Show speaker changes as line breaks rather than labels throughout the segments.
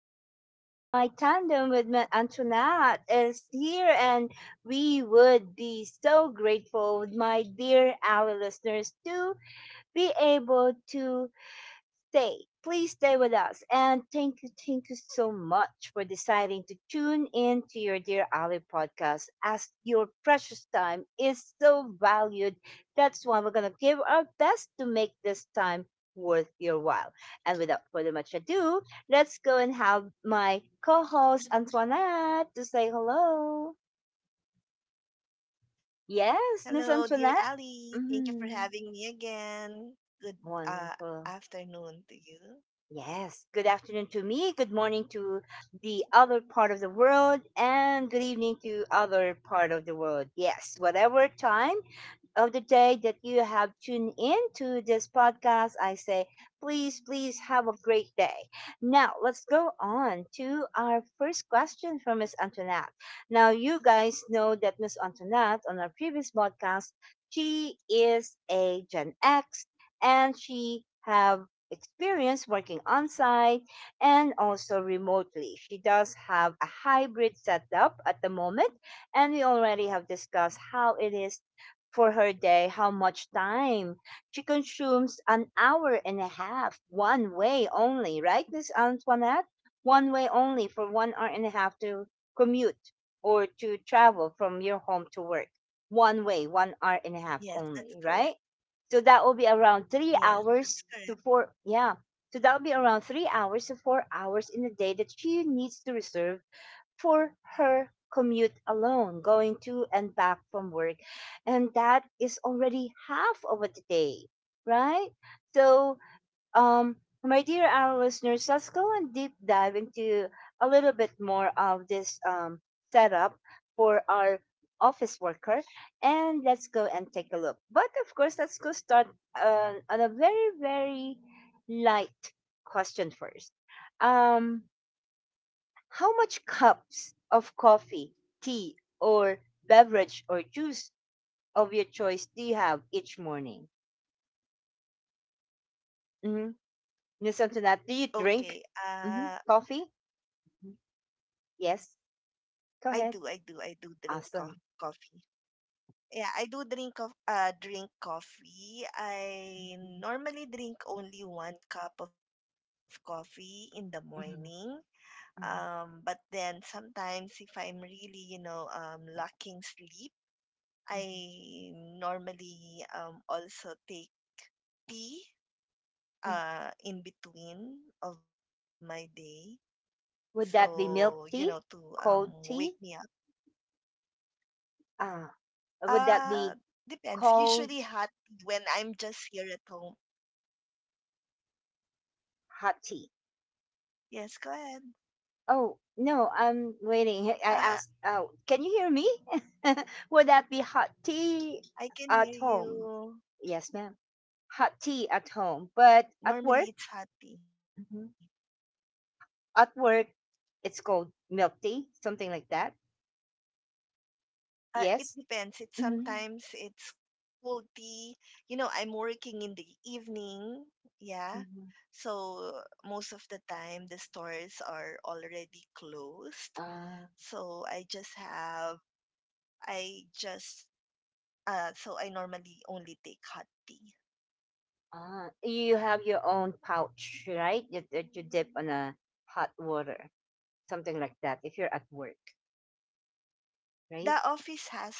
me and my tandem with Antoinette is here, and we would be so grateful, my dear our listeners, to be able to stay. Please stay with us. And thank you so much for deciding to tune in to your Dear Ali podcast as your precious time is so valued. That's why we're going to give our best to make this time worth your while. And without further much ado, let's go and have my co host Antoinette to say hello. Yes, Miss
Hello, dear
Antoinette.
Ali. Thank you for
Mhm.
having me again. Good
Wonderful.
afternoon to you.
Yes, good afternoon to me, good morning to the other part of the world, and good evening to other part of the world. Yes, whatever time of the day that you have tuned in to this podcast. I say, please have a great day. Now, let's go on to our first question from Miss Antoinette. Now, you guys know that Miss Antoinette on our previous podcast, she is a Gen X and she have experience working on site and also remotely. She does have a hybrid setup at the moment and we already have discussed how it is for her day, how much time she consumes, an hour and a half one way only, right, Miss Antoinette? One way only for 1 hour and a half to commute or to travel from your home to work, one way, 1 hour and a half
Yes,
only,
that's
right?
correct.
So that will be around three
Yes,
hours
that's
to
correct.
4, yeah. So that will be around 3 hours to 4 hours in a day that she needs to reserve for her commute alone, going to and back from work. And that is already half of a day, right? So, um, my dear our listeners, let's go and deep dive into a little bit more of this setup for our office worker and let's go and take a look. But of course, let's go start on a very, very light question first. Um, how much cups of coffee, tea, or beverage or juice of your choice do you have each morning? Mm-hmm. Listen to that. Do
Okay.
you drink coffee? Mhm. Yes.
I do,
Go
I
ahead.
do, I do drink
Awesome.
coffee. Yeah, I do drink drink coffee. I normally drink only one cup of coffee in the morning.
Mhm,
But
mhm,
then sometimes if I'm really, lacking sleep,
mhm,
I normally also take tea
mhm.
in between of my day.
Would
So, you
that be
know, to
milk tea,
wake me
cold
up.
tea? Ah, would
Uh,
that be
it's usually hot
cold
tea when I'm just here at home.
hot tea?
Yes, go ahead.
Oh no, I'm waiting. I
Uh,
asked. Oh, can you hear me? Would that be hot tea
I can hear
at home?
you.
Yes, ma'am. Hot tea at home, but at
Normally,
work,
it's hot tea.
hmm at work, it's called milk tea, something like that.
It depends. It
Yes.
sometimes
Hmm.
it's cold tea. You know, I'm working in the evening. Yeah.
hmm
So most of the time the stores are already closed.
Uh,
So I just have I just so I normally only take hot tea.
uh, you have your own pouch, right? That you dip on a hot water, something like that. If you're at work, right?
The office has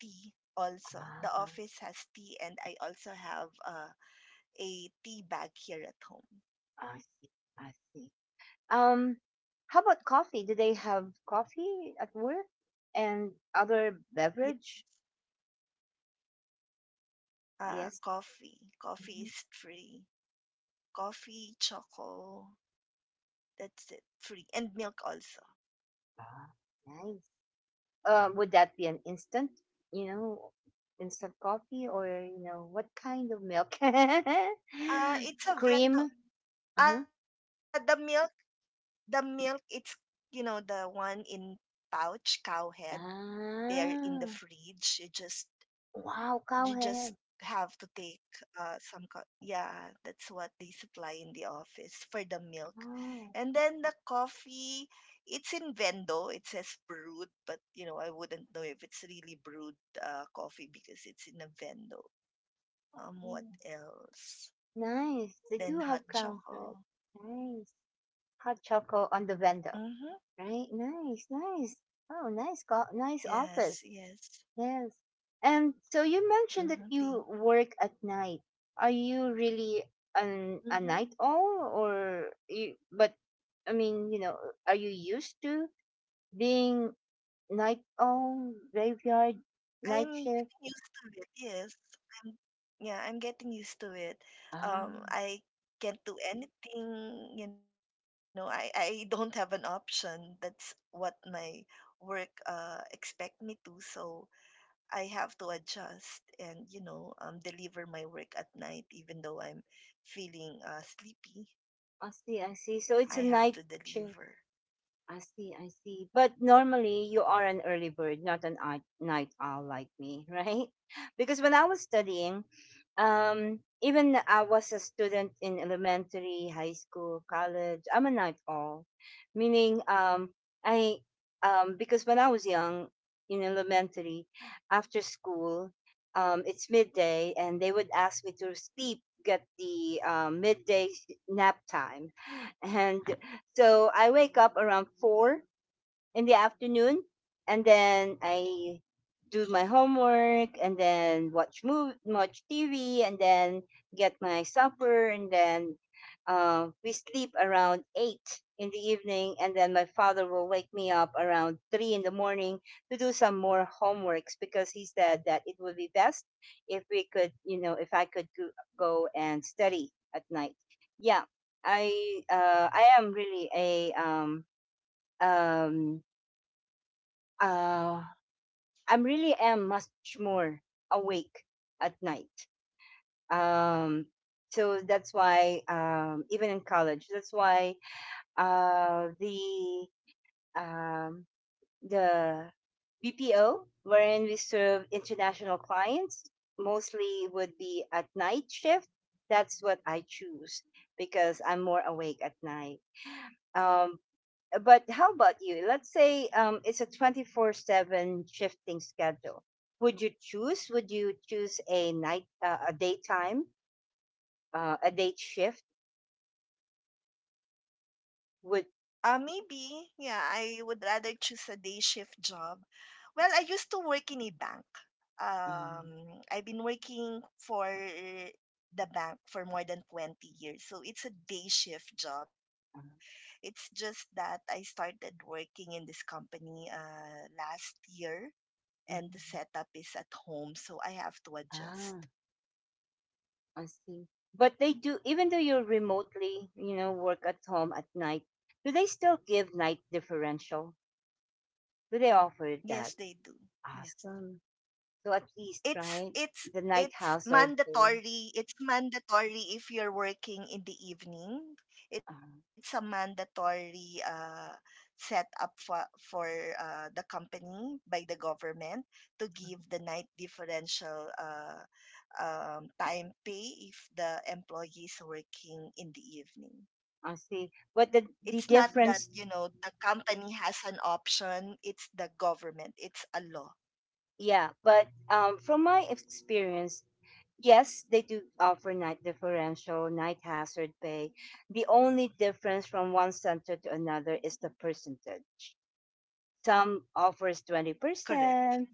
tea also.
Ah,
The office has tea and I also have a tea bag here at home.
I see. I see. Um, how about coffee? Do they have coffee at work and other
Yeah.
beverage? Yes.
Coffee.
Hmm.
Coffee is free. Coffee, choco, that's it, free. And milk also.
Ah, nice. Would that be an you know, instant coffee? Or, you know, what kind of milk?
It's a
Cream?
vendor. Uh,
Uh-huh.
the milk, the milk, it's, you know, the one in pouch, cow head, there in the
Ah,
fridge.
wow,
You just
cowhead.
have to take yeah, that's what they supply in the office for the milk.
Oh,
And then the coffee, it's in vendo. It says brewed, but you know, I wouldn't know if it's really brewed coffee because it's in a vendo.
mm,
What else?
nice. They do have
Then hot
cowhead.
choco.
Nice. Hot chocolate on the vendor,
Mm-hmm.
right? Nice, nice. Oh, nice office.
Yes, yes.
Yes. And so you mentioned that you work at night. Are you really an a night
Mm-hmm.
owl or you, but I mean, you know, are you used to being night owl, graveyard, night
I'm
shift?
getting used to it. Yes. I'm yeah, I'm getting used to it.
Ah,
I Can't do anything, you know, I don't have an option. That's what my work expect me to, so I have to adjust and, you know, deliver my work at night even though I'm feeling sleepy.
I see.
I
So it's a
have to
night
deliver.
shift. I see. But normally you are an early bird, not an night owl like me, right? Because when I was studying, even I was a student in elementary, high school, college, I'm a night owl, meaning I because when I was young in elementary, after school, it's midday, and they would ask me to sleep, get the midday nap time, and so I wake up around 4 in the afternoon, and then I do my homework, and then watch TV, and then get my supper, and then we sleep around 8 in the evening, and then my father will wake me up around 3 in the morning to do some more homeworks because he said that it would be best if we could, you know, if I could go and study at night. Yeah, I am really a um, uh, I'm really am much more awake at night. Um, so that's why even in college, that's why uh, the um, the BPO wherein we serve international clients mostly would be at night shift. That's what I choose because I'm more awake at night. Um, but how about you? Let's say it's a 24/7 shifting schedule. Would you choose a day shift? Would
Yeah, I would rather choose a day shift job. Well, I used to work in a bank.
um,
I've been working for the bank for more than 20 years. So it's a day shift job.
uh,
It's just that I started working in this company last year and the setup
mhm.
is at home. So I have to adjust.
Ah, I see. But they do, even though you're remotely, you know, work at home at night. Do they still give night differential? Do they offer
Yes,
that?
yes.
Awesome. So at least,
it's
right,
it's
the night
it's
house or day.
mandatory, it's mandatory if you're working in the evening.
Uh,
It's a mandatory setup for the company by the government to give the night differential time pay if the employee is working in the evening.
I see. But the
It's not that,
difference.
you know, the company has an option. It's the government, it's a law.
Yeah, but from my experience, yes, they do offer night differential, night hazard pay. The only difference from one center to another is the percentage. Some offers
Correct,
20%,
yes.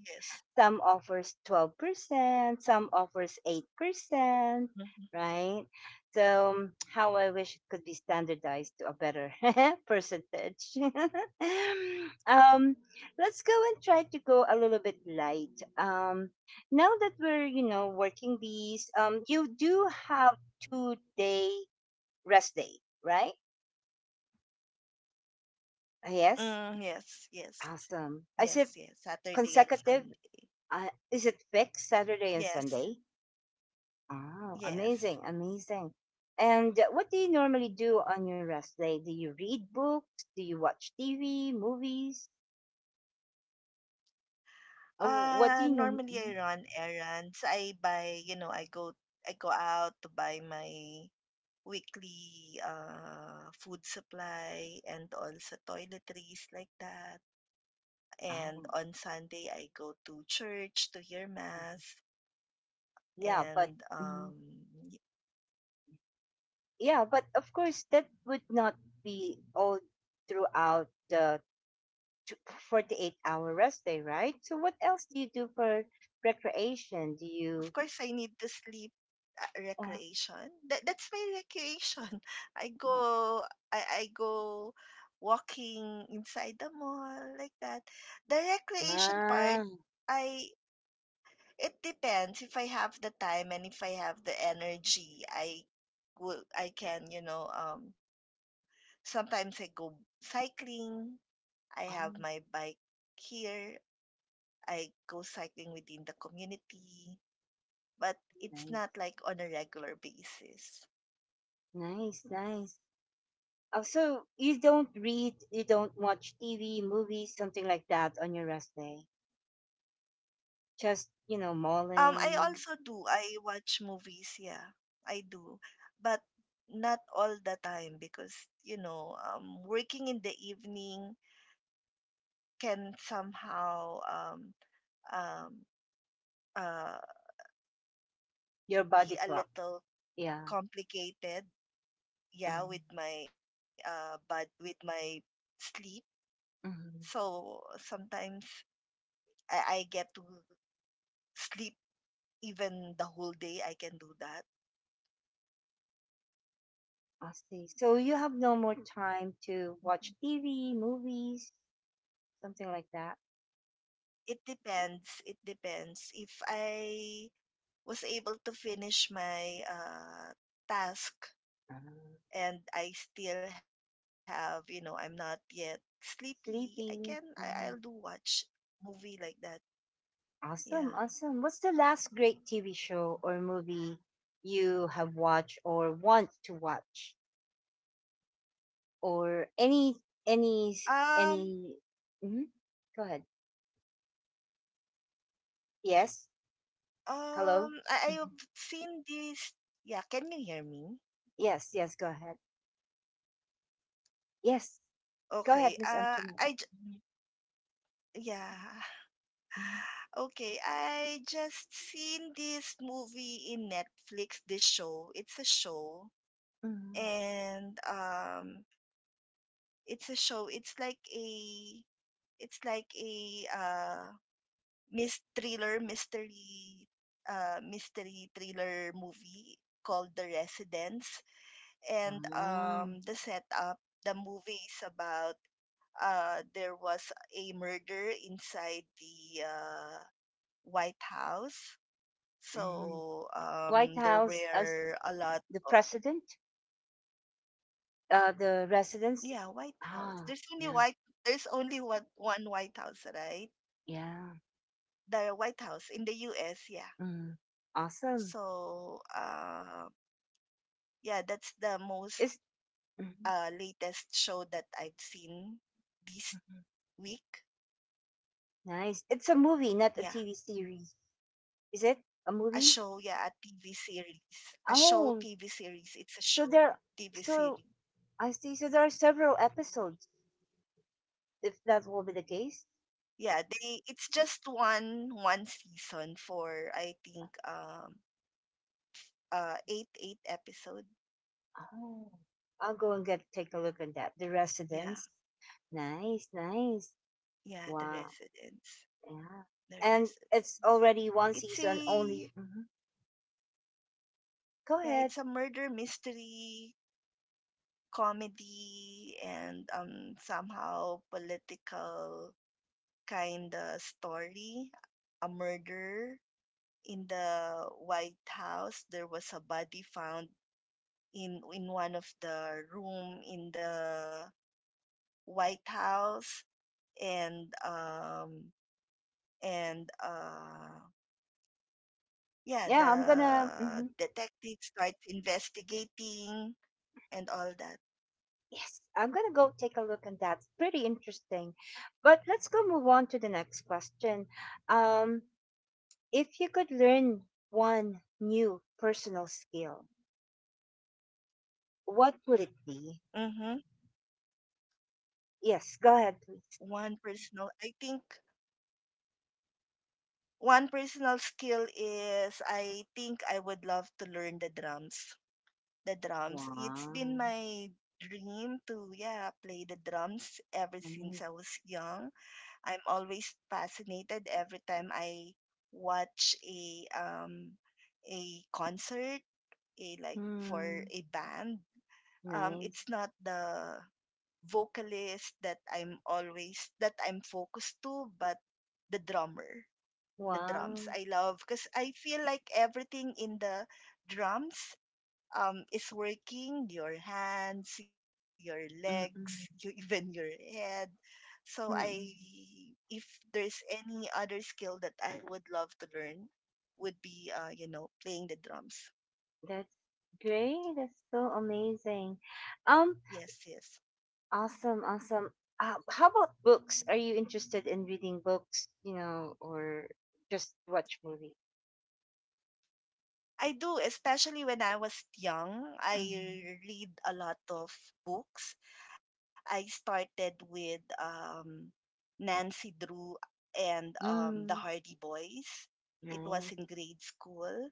some offers 12%, some offers 8%,
Mm-hmm.
right? So how I wish it could be standardized to a better percentage. um, let's go and try to go a little bit light. Now that we're, you know, working bees, you do have 2 day rest day, right? Yes.
Mm, yes, yes,
Awesome. Is
yes,
it
yes. Saturday and
consecutive?
Sunday.
Is it fixed Saturday and
Yes,
Sunday? Oh,
yes.
amazing, amazing. And what do you normally do on your rest day? Do you read books? Do you watch TV, movies? What do you know?
Normally I run errands. I buy, you know, I go out to buy my weekly food supply and also toiletries like that. And
Oh,
on Sunday I go to church to hear
mhm.
mass.
Yeah, but
And
mhm. Yeah, but of course that would not be all throughout the t- 48-hour rest day, right? So what else do you do for recreation? Do
of
you?
course, I need to sleep.
Oh,
Recreation. That's my recreation. I go I go walking inside the mall like that. The recreation part,
ah,
I it depends if I have the time and if I have the energy. I will I can you know Sometimes I go cycling. I have my bike
ah,
here. I go cycling within the community, but it's not
nice,
like on a regular basis.
nice. Oh, so you don't read, you don't watch TV, movies, something like that on your rest day. Just you know,
I
mauling
also do. I watch movies, yeah. I do. But not all the time because, you know, working in the evening can somehow um, uh,
your body
be
clock.
a little
Yeah.
complicated,
Mm.
yeah, with my sleep.
Mm-hmm.
So sometimes I get to sleep even the whole day. I can do that.
I see. So you have no more time to watch
Mm-hmm.
TV, movies, something like that.
It depends. It depends. If I was able to finish my task
Uh,
and I still have, you know, I'm not yet sleepy,
Sleeping.
I'll do
Mhm.
watch movie like that. Yeah.
Awesome, awesome. What's the last great TV show or movie you have watched or want to watch? Or any
Um,
any hmm go ahead. Yes. Hello. Mhm.
I've seen this. Yeah, can you hear me?
Yes, go ahead. yes Go ahead,
Okay.
Miss Antoinette.
I, j-
Mhm,
yeah.
mhm,
Okay, I just seen this movie in Netflix, this show. It's a show.
mhm.
And it's a show, it's like a mis thriller mystery mystery thriller movie called The Residence. And
Wow.
the movie is about there was a murder inside the White House.
Mhm.
So
White house,
there
as
were a
the
lot.
president the residence.
Yeah, White House.
Ah,
There's only
yeah,
white. There's only one White House, right?
yeah
The White House in the U.S. Yeah.
mhm. Awesome.
So, yeah, that's the most
It's mhm,
latest show that I've seen this
mhm.
week.
Nice. It's a movie, not a TV series? Is it a
A
movie?
show, yeah, a TV series. A
Oh,
show TV series. It's a
so
show
there
TV
so
series.
I see. So there are several episodes. If that will be the case,
Yeah, they. It's just one season for I think eight episode.
oh, I'll go and get take a look at that. The
Yeah,
Residence. Nice, nice.
yeah, The
Wow.
Resident. The
Yeah. And
Residence.
it's already
It's
1 season
a
only. Hmm. Go
Yeah, it's a
ahead.
murder mystery comedy and somehow political kind of story. A murder in the White House. There was a body found in one of the room in the White House, and and uh
Yeah,
yeah,
I'm gonna. Hmm.
the detective starts investigating and all that.
Yes, I'm gonna go take a look at that. Pretty interesting. But let's go move on to the next question. Um, if you could learn one new personal skill, what would it be?
Mm-hmm.
Yes, go ahead, please.
One personal, I think One personal skill is, I think, I would love to learn the drums. The drums. It's
Wow.
been my dream to yeah play the drums ever since I
Nice.
was young. I'm always fascinated every time I watch a concert, a like for
Hmm.
a band.
Nice.
It's not the vocalist that I'm focused to, but the drummer, the
Wow.
drums I love because I feel like everything in the drums is working, your hands, your legs, you,
Mm-mm.
even your head. So I
Mm-mm.
if there's any other skill that I would love to learn would be you know playing the drums.
That's great. That's so amazing. Um,
Yes, yes.
awesome. How about books? Are you interested in reading books, you know, or just watch movie?
I do, especially when I was young.
Mm-hmm.
I read a lot of books. I started with Nancy Drew and the
Mm.
Hardy Boys. It was
Nice.
in grade school.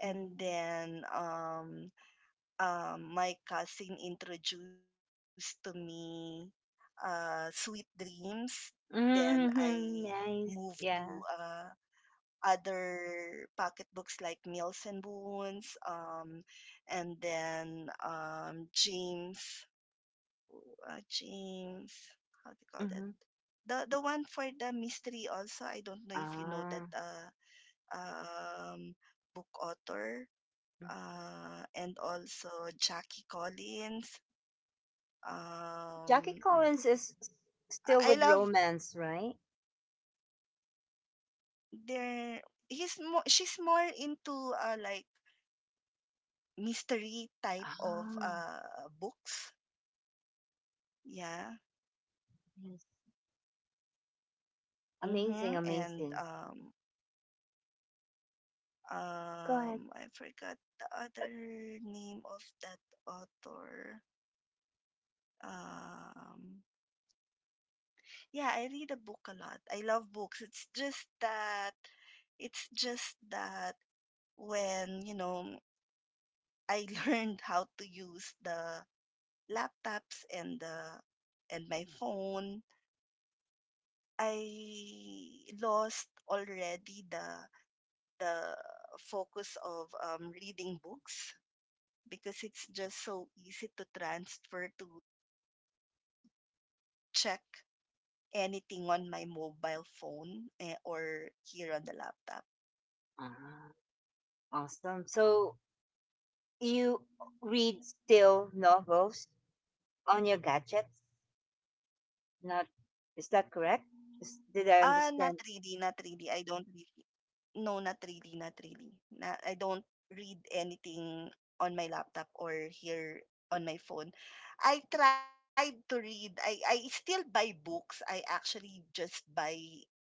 And
Mm-hmm.
then my cousin introduced to me Sweet Dreams. Then I
Mm-hmm.
moved
Nice.
to
Yeah.
other pocket books like Meals and Boons, and then James, James, how do you call
Mm-hmm.
that? The one for the mystery also. I don't know if you know
Ah.
that
Mm-hmm.
um, book author, and also Jackie Collins.
Jackie
Um,
Collins is still
I
with
love
romance, right?
their. He's more. She's more into like mystery type of
Ah,
books. Yeah.
yes. Amazing,
Mm-hmm. And
amazing. Go ahead.
I forgot the other name of that author. Um, yeah, I read a book a lot. I love books. It's just that when, you know, I learned how to use the laptops and my phone, I lost already the focus of reading books because it's just so easy to transfer to check anything on my mobile phone eh, or here on the laptop.
Ah, awesome. So you read still novels on your gadgets? Not, is that correct?
Ah,
Did
not
I
really,
understand,
not really. I don't really. No, not really, not really. Na, I don't read anything on my laptop or here on my phone. I tried to read. I still buy books. I actually just buy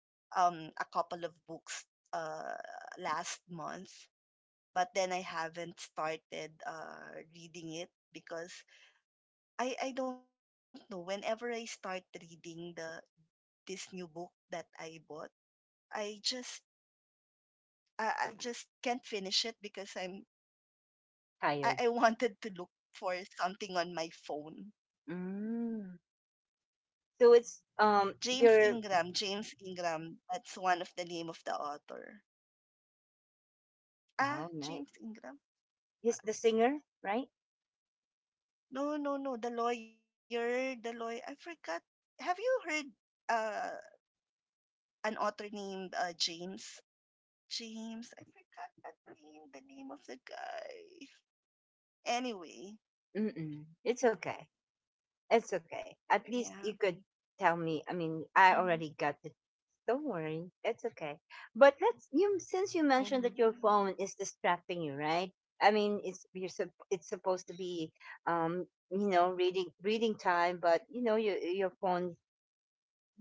a couple of books uh last month, but then I haven't started reading it because I don't know, whenever I start reading the this new book that I bought, I just I just can't finish it because I
tired?
wanted to look for something on my phone.
Mm. So it's
James
your
Ingram, James Ingram, that's one of the name of the author. Ah,
oh nice.
James Ingram.
He's the singer, right?
No, no, no. The lawyer, the lawyer. I forgot. Have you heard uh an author named James? James. I forgot the name. The name of the guy. Anyway,
Mm-mm. It's okay. At
yeah.
least you could tell me. I mean,
Hmm.
I already got. Don't worry, that's okay. But let's you, since you
Hmm.
mentioned that your phone is distracting you, right? I mean, it's you're it's supposed to be, um, you know, reading time, but you know, your phone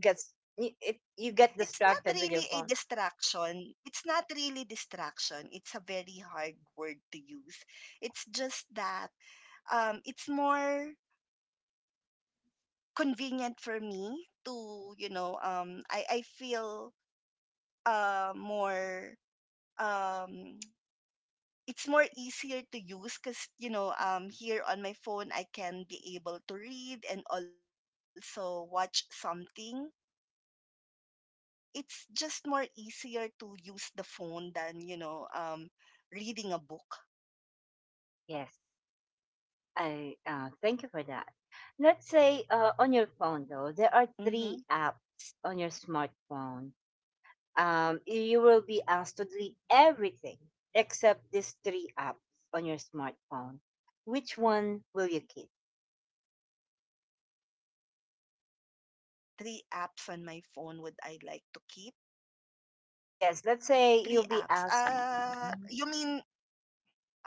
gets you get
It's not
distracted with
really
your
a
phone.
distraction. It's not really distraction. It's a very hard word to use. It's just that it's more convenient for me to, you know, I feel more um it's more easier to use because, you know, here on my phone I can be able to read and also watch something. It's just more easier to use the phone than, you know, reading a book.
Yes, I thank you for that. Let's say on your phone, though,
Mm-hmm.
there are 3 apps on your smartphone, you will be asked to delete everything except these 3 apps on your smartphone. Which one will you keep?
Three apps on my phone would I like to keep?
Yes, let's say
Three
you'll be
apps
asked,
you mean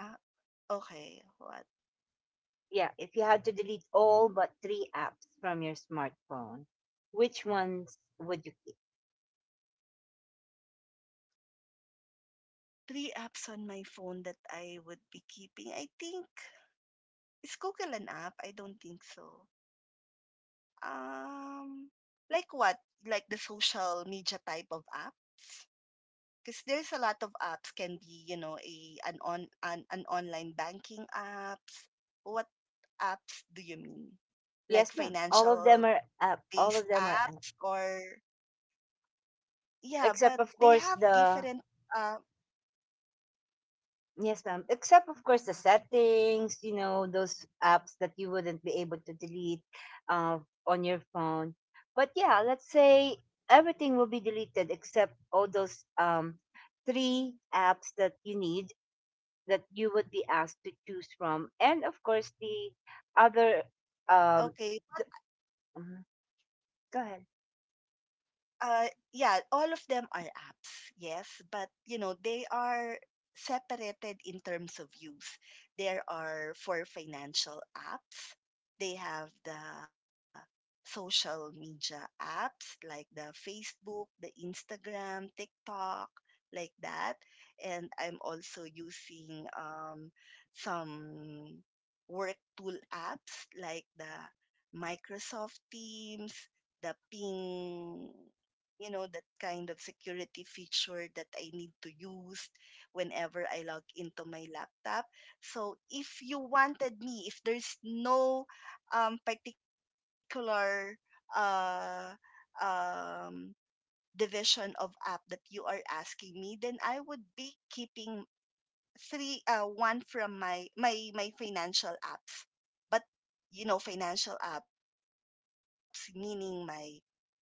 uh, okay, what?
yeah, if you had to delete all but 3 apps from your smartphone, which ones would you keep?
Three apps on my phone that I would be keeping, I think, is Google an app? I don't think so. Um, like what? Like the social media type of apps? Because there's a lot of apps can be, you know, a an on an, an online banking apps. What apps do you mean?
Yes, ma'am.
Like
All of them are
financial
app. All of them are
based
app,
apps or, yeah,
except of
but
course
they have
the.
different uh
Yes, ma'am. Except of course the settings, you know, those apps that you wouldn't be able to delete uh, on your phone. But yeah, let's say everything will be deleted except all those 3 apps that you need, that you would be asked to choose from, and of course the other. Um,
okay.
the, Mhm, go ahead.
Yeah, all of them are apps, yes, but you know, they are separated in terms of use. There are for financial apps, they have the social media apps like the Facebook, the Instagram, TikTok, like that. And I'm also using some work tool apps like the Microsoft Teams, the Ping, you know, that kind of security feature that I need to use whenever I log into my laptop. So if you wanted me, if there's no particular uh, um, division of app that you are asking me, then I would be keeping three one from my financial apps. But financial apps meaning my banking apps,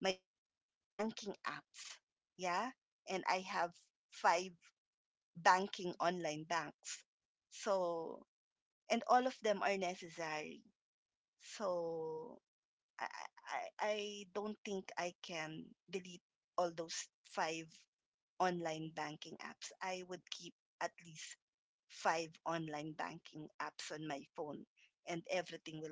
yeah. And I have five banking online banks. So, and all of them are necessary. So I don't think I can delete all those five online banking apps. I would keep at least five online banking apps on my phone, and everything will be deleted.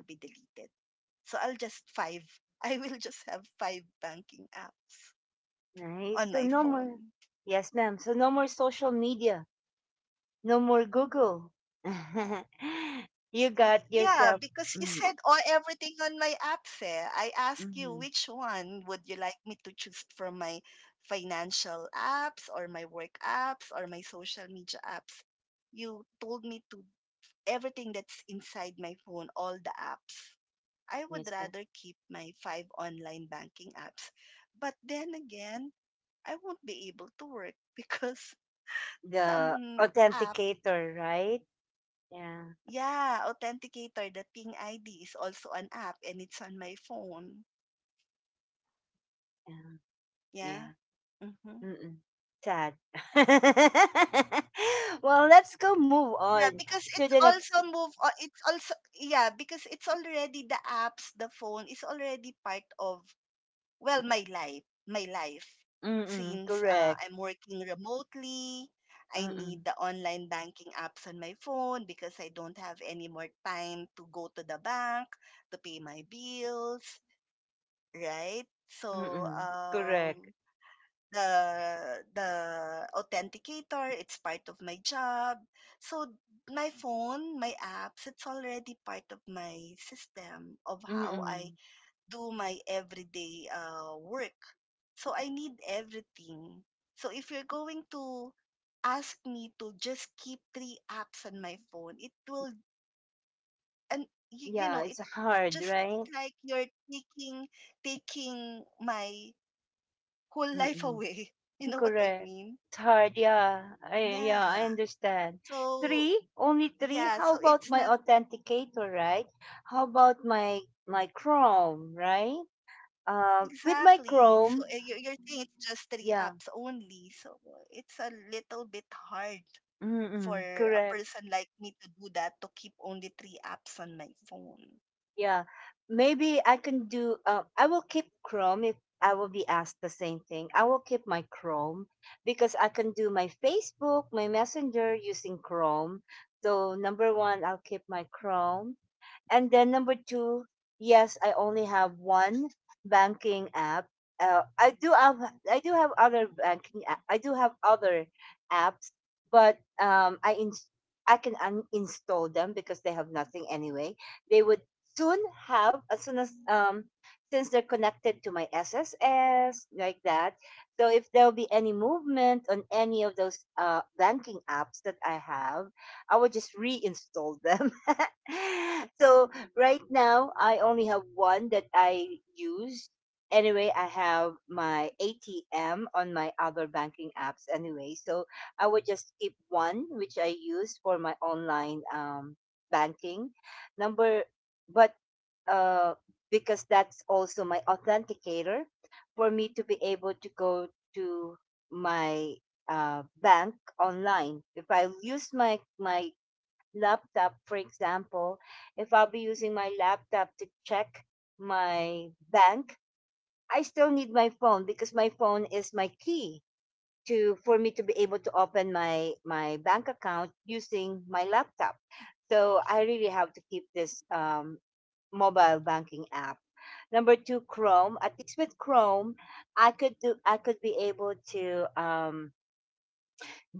So I'll just five, I will just have five banking apps on my
Nice. So
phone.
no more. Yes, ma'am. So no more social media, no more Google.
Y-
you got
Yeah,
yourself
because you said
mm,
all everything on my apps eh. I ask you which
mhm,
one would you like me to choose from my financial apps or my work apps or my social media apps. You told me to everything that's inside my phone, all the apps. I would
yes
rather keep my five online banking apps. But then again, I won't be able to work because
the
some app,
authenticator, right? Yeah,
yeah, Authenticator, the Ping ID is also an app and it's on my phone.
yeah,
Yeah.
yeah.
Mm-hmm.
Mm-mm. Sad. Let's go move
Yeah,
on
because
to the next.
it's also, yeah, because it's already the apps, the phone is already part of, well, my life
Mm-mm,
since
correct.
I'm working remotely. I
Mm-mm,
need the online banking apps on my phone because I don't have any more time to go to the bank to pay my bills, right? So,
mm-mm,
um
correct.
the the authenticator, it's part of my job. So my phone, my apps, it's already part of my system of how I
Mm-mm.
do my everyday work. So I need everything. So if you're going to ask me to just keep three apps on my phone, it will, and
Yeah,
it's
it's hard,
just
right?
like you're taking my whole life away.
Mm-mm.
You know what I
Correct.
mean?
It's hard. Yeah.
Yeah.
Yeah, I understand.
So
Three? Only
yeah.
three?
So
How
it's
about
not
my authenticator, right? How about my Chrome, right? With my
exactly. So
Chrome,
you're saying it's just three
yeah.
apps only. So it's a little bit hard for
Mm-mm,
a
correct.
person like me to do that, to keep only three apps on my phone.
Yeah. Maybe I can do, I will keep Chrome if I will be asked the same thing. I will keep my Chrome because I can do my Facebook, my Messenger using Chrome. So number one, I'll keep my Chrome. And then number two, yes, I only have one banking app. I do have other banking app. I do have other apps, but I can uninstall them because they have nothing anyway. They would soon have as soon as since they're connected to my SSS like that. So if there'll be any movement on any of those banking apps that I have, I would just reinstall them. So right now, I only have one that I use. Anyway, I have my ATM on my other banking apps anyway. So I would just keep one, which I use for my online banking. Number, but uh, because that's also my authenticator for me to be able to go to my bank online. If I use my laptop, for example, if I'll be using my laptop to check my bank, I still need my phone because my phone is my key to for me to be able to open my bank account using my laptop. So I really have to keep this mobile banking app. Number two, Chrome. At least with Chrome, I could do. I could be able to.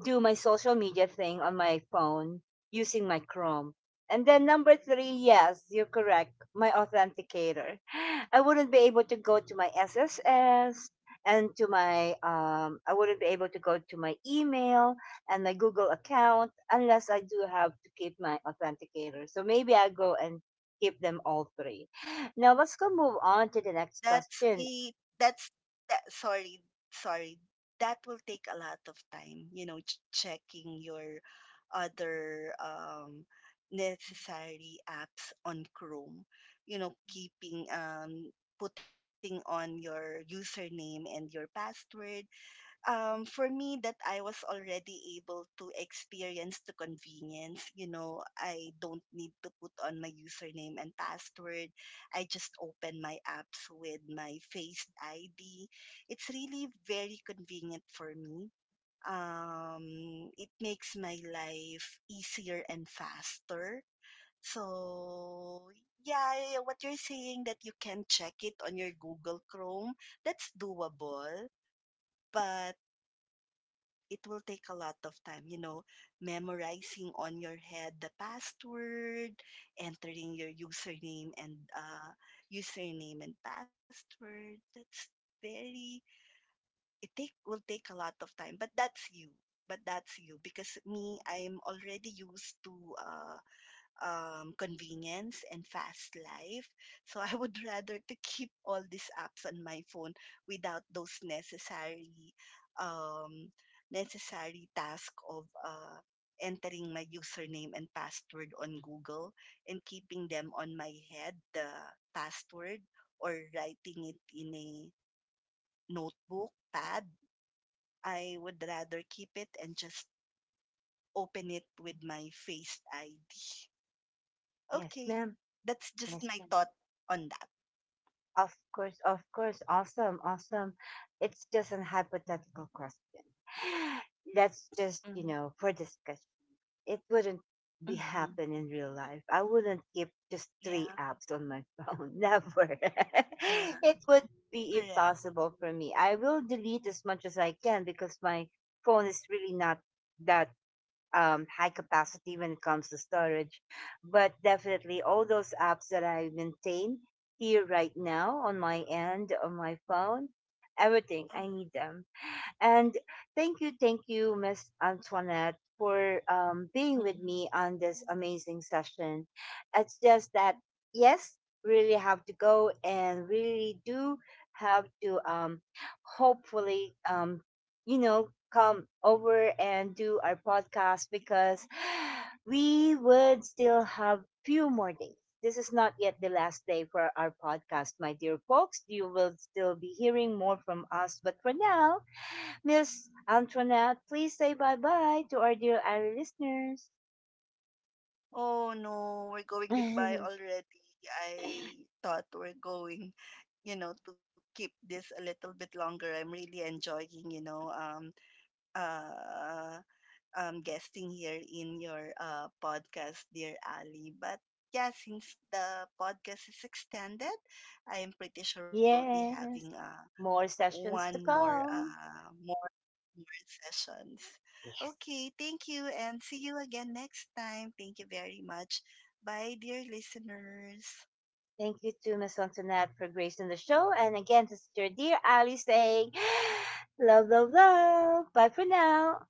Do my social media thing on my phone using my Chrome. And then number three, yes, you're correct, my authenticator. I wouldn't be able to go to my SSS and to my I wouldn't be able to go to my email and my Google account unless I do have to keep my authenticator. So maybe I go and keep them all three. Now let's go move on to the next
That's
question.
a that's that, sorry, sorry. That will take a lot of time, checking your other necessary apps on Chrome. You know, keeping putting on your username and your password, for me that I was already able to experience the convenience. You know, I don't need to put on my username and password. I just open my apps with my Face ID. It's really very convenient for me. It makes my life easier and faster. So, yeah, what you're saying that you can check it on your Google Chrome, that's doable, but it will take a lot of time, memorizing on your head the password, entering your username and username and password. That's very it take will take a lot of time, but that's you. But that's you because me, I'm already used to uh convenience and fast life. So I would rather to keep all these apps on my phone without those um, necessary task of entering my username and password on Google, and keeping them on my head, the password, or writing it in a notebook pad. I would rather keep it and just open it with my face ID.
Yes,
Okay.
ma'am.
That's just
Yes,
my
ma'am.
thought on that.
Of course, of course. Awesome, awesome. It's just an hypothetical question. That's just, you
Mhm.
know, for discussion. It wouldn't be
Mhm.
happen in real life. I wouldn't keep just three
Yeah.
apps on my phone. Never.
Yeah.
It would be
Correct.
impossible for me. I will delete as much as I can because my phone is really not that high capacity when it comes to storage. But definitely, all those apps that I maintain here right now on my end, on my phone, everything,
Mm.
I need them. And thank you, Miss Antoinette, for being with
Mhm.
me on this amazing session. It's just that, yes, really have to go and really do have to hopefully, you know, come over and do our podcast because we would still have few more days. This is not yet the last day for our podcast, my dear folks. You will still be hearing more from us, but for now, Miss Antoinette, please say bye bye to our dear Ari listeners.
Oh no, we're going goodbye already. I thought we're going to keep this a little bit longer. I'm really enjoying, you know, um, uh, um, guesting here in your podcast, dear Ali. But yeah, since the podcast is extended, I am pretty sure we'll be having
Yes, more sessions
one
to
more
come.
more sessions.
Yes.
Okay, thank you and see you again next time. Thank you very much. Bye, dear listeners.
Thank you to Miss Antoinette for gracing the show. And again, this is your dear Ali saying, love, love, love. Bye for now.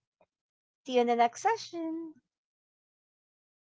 See you in the next session.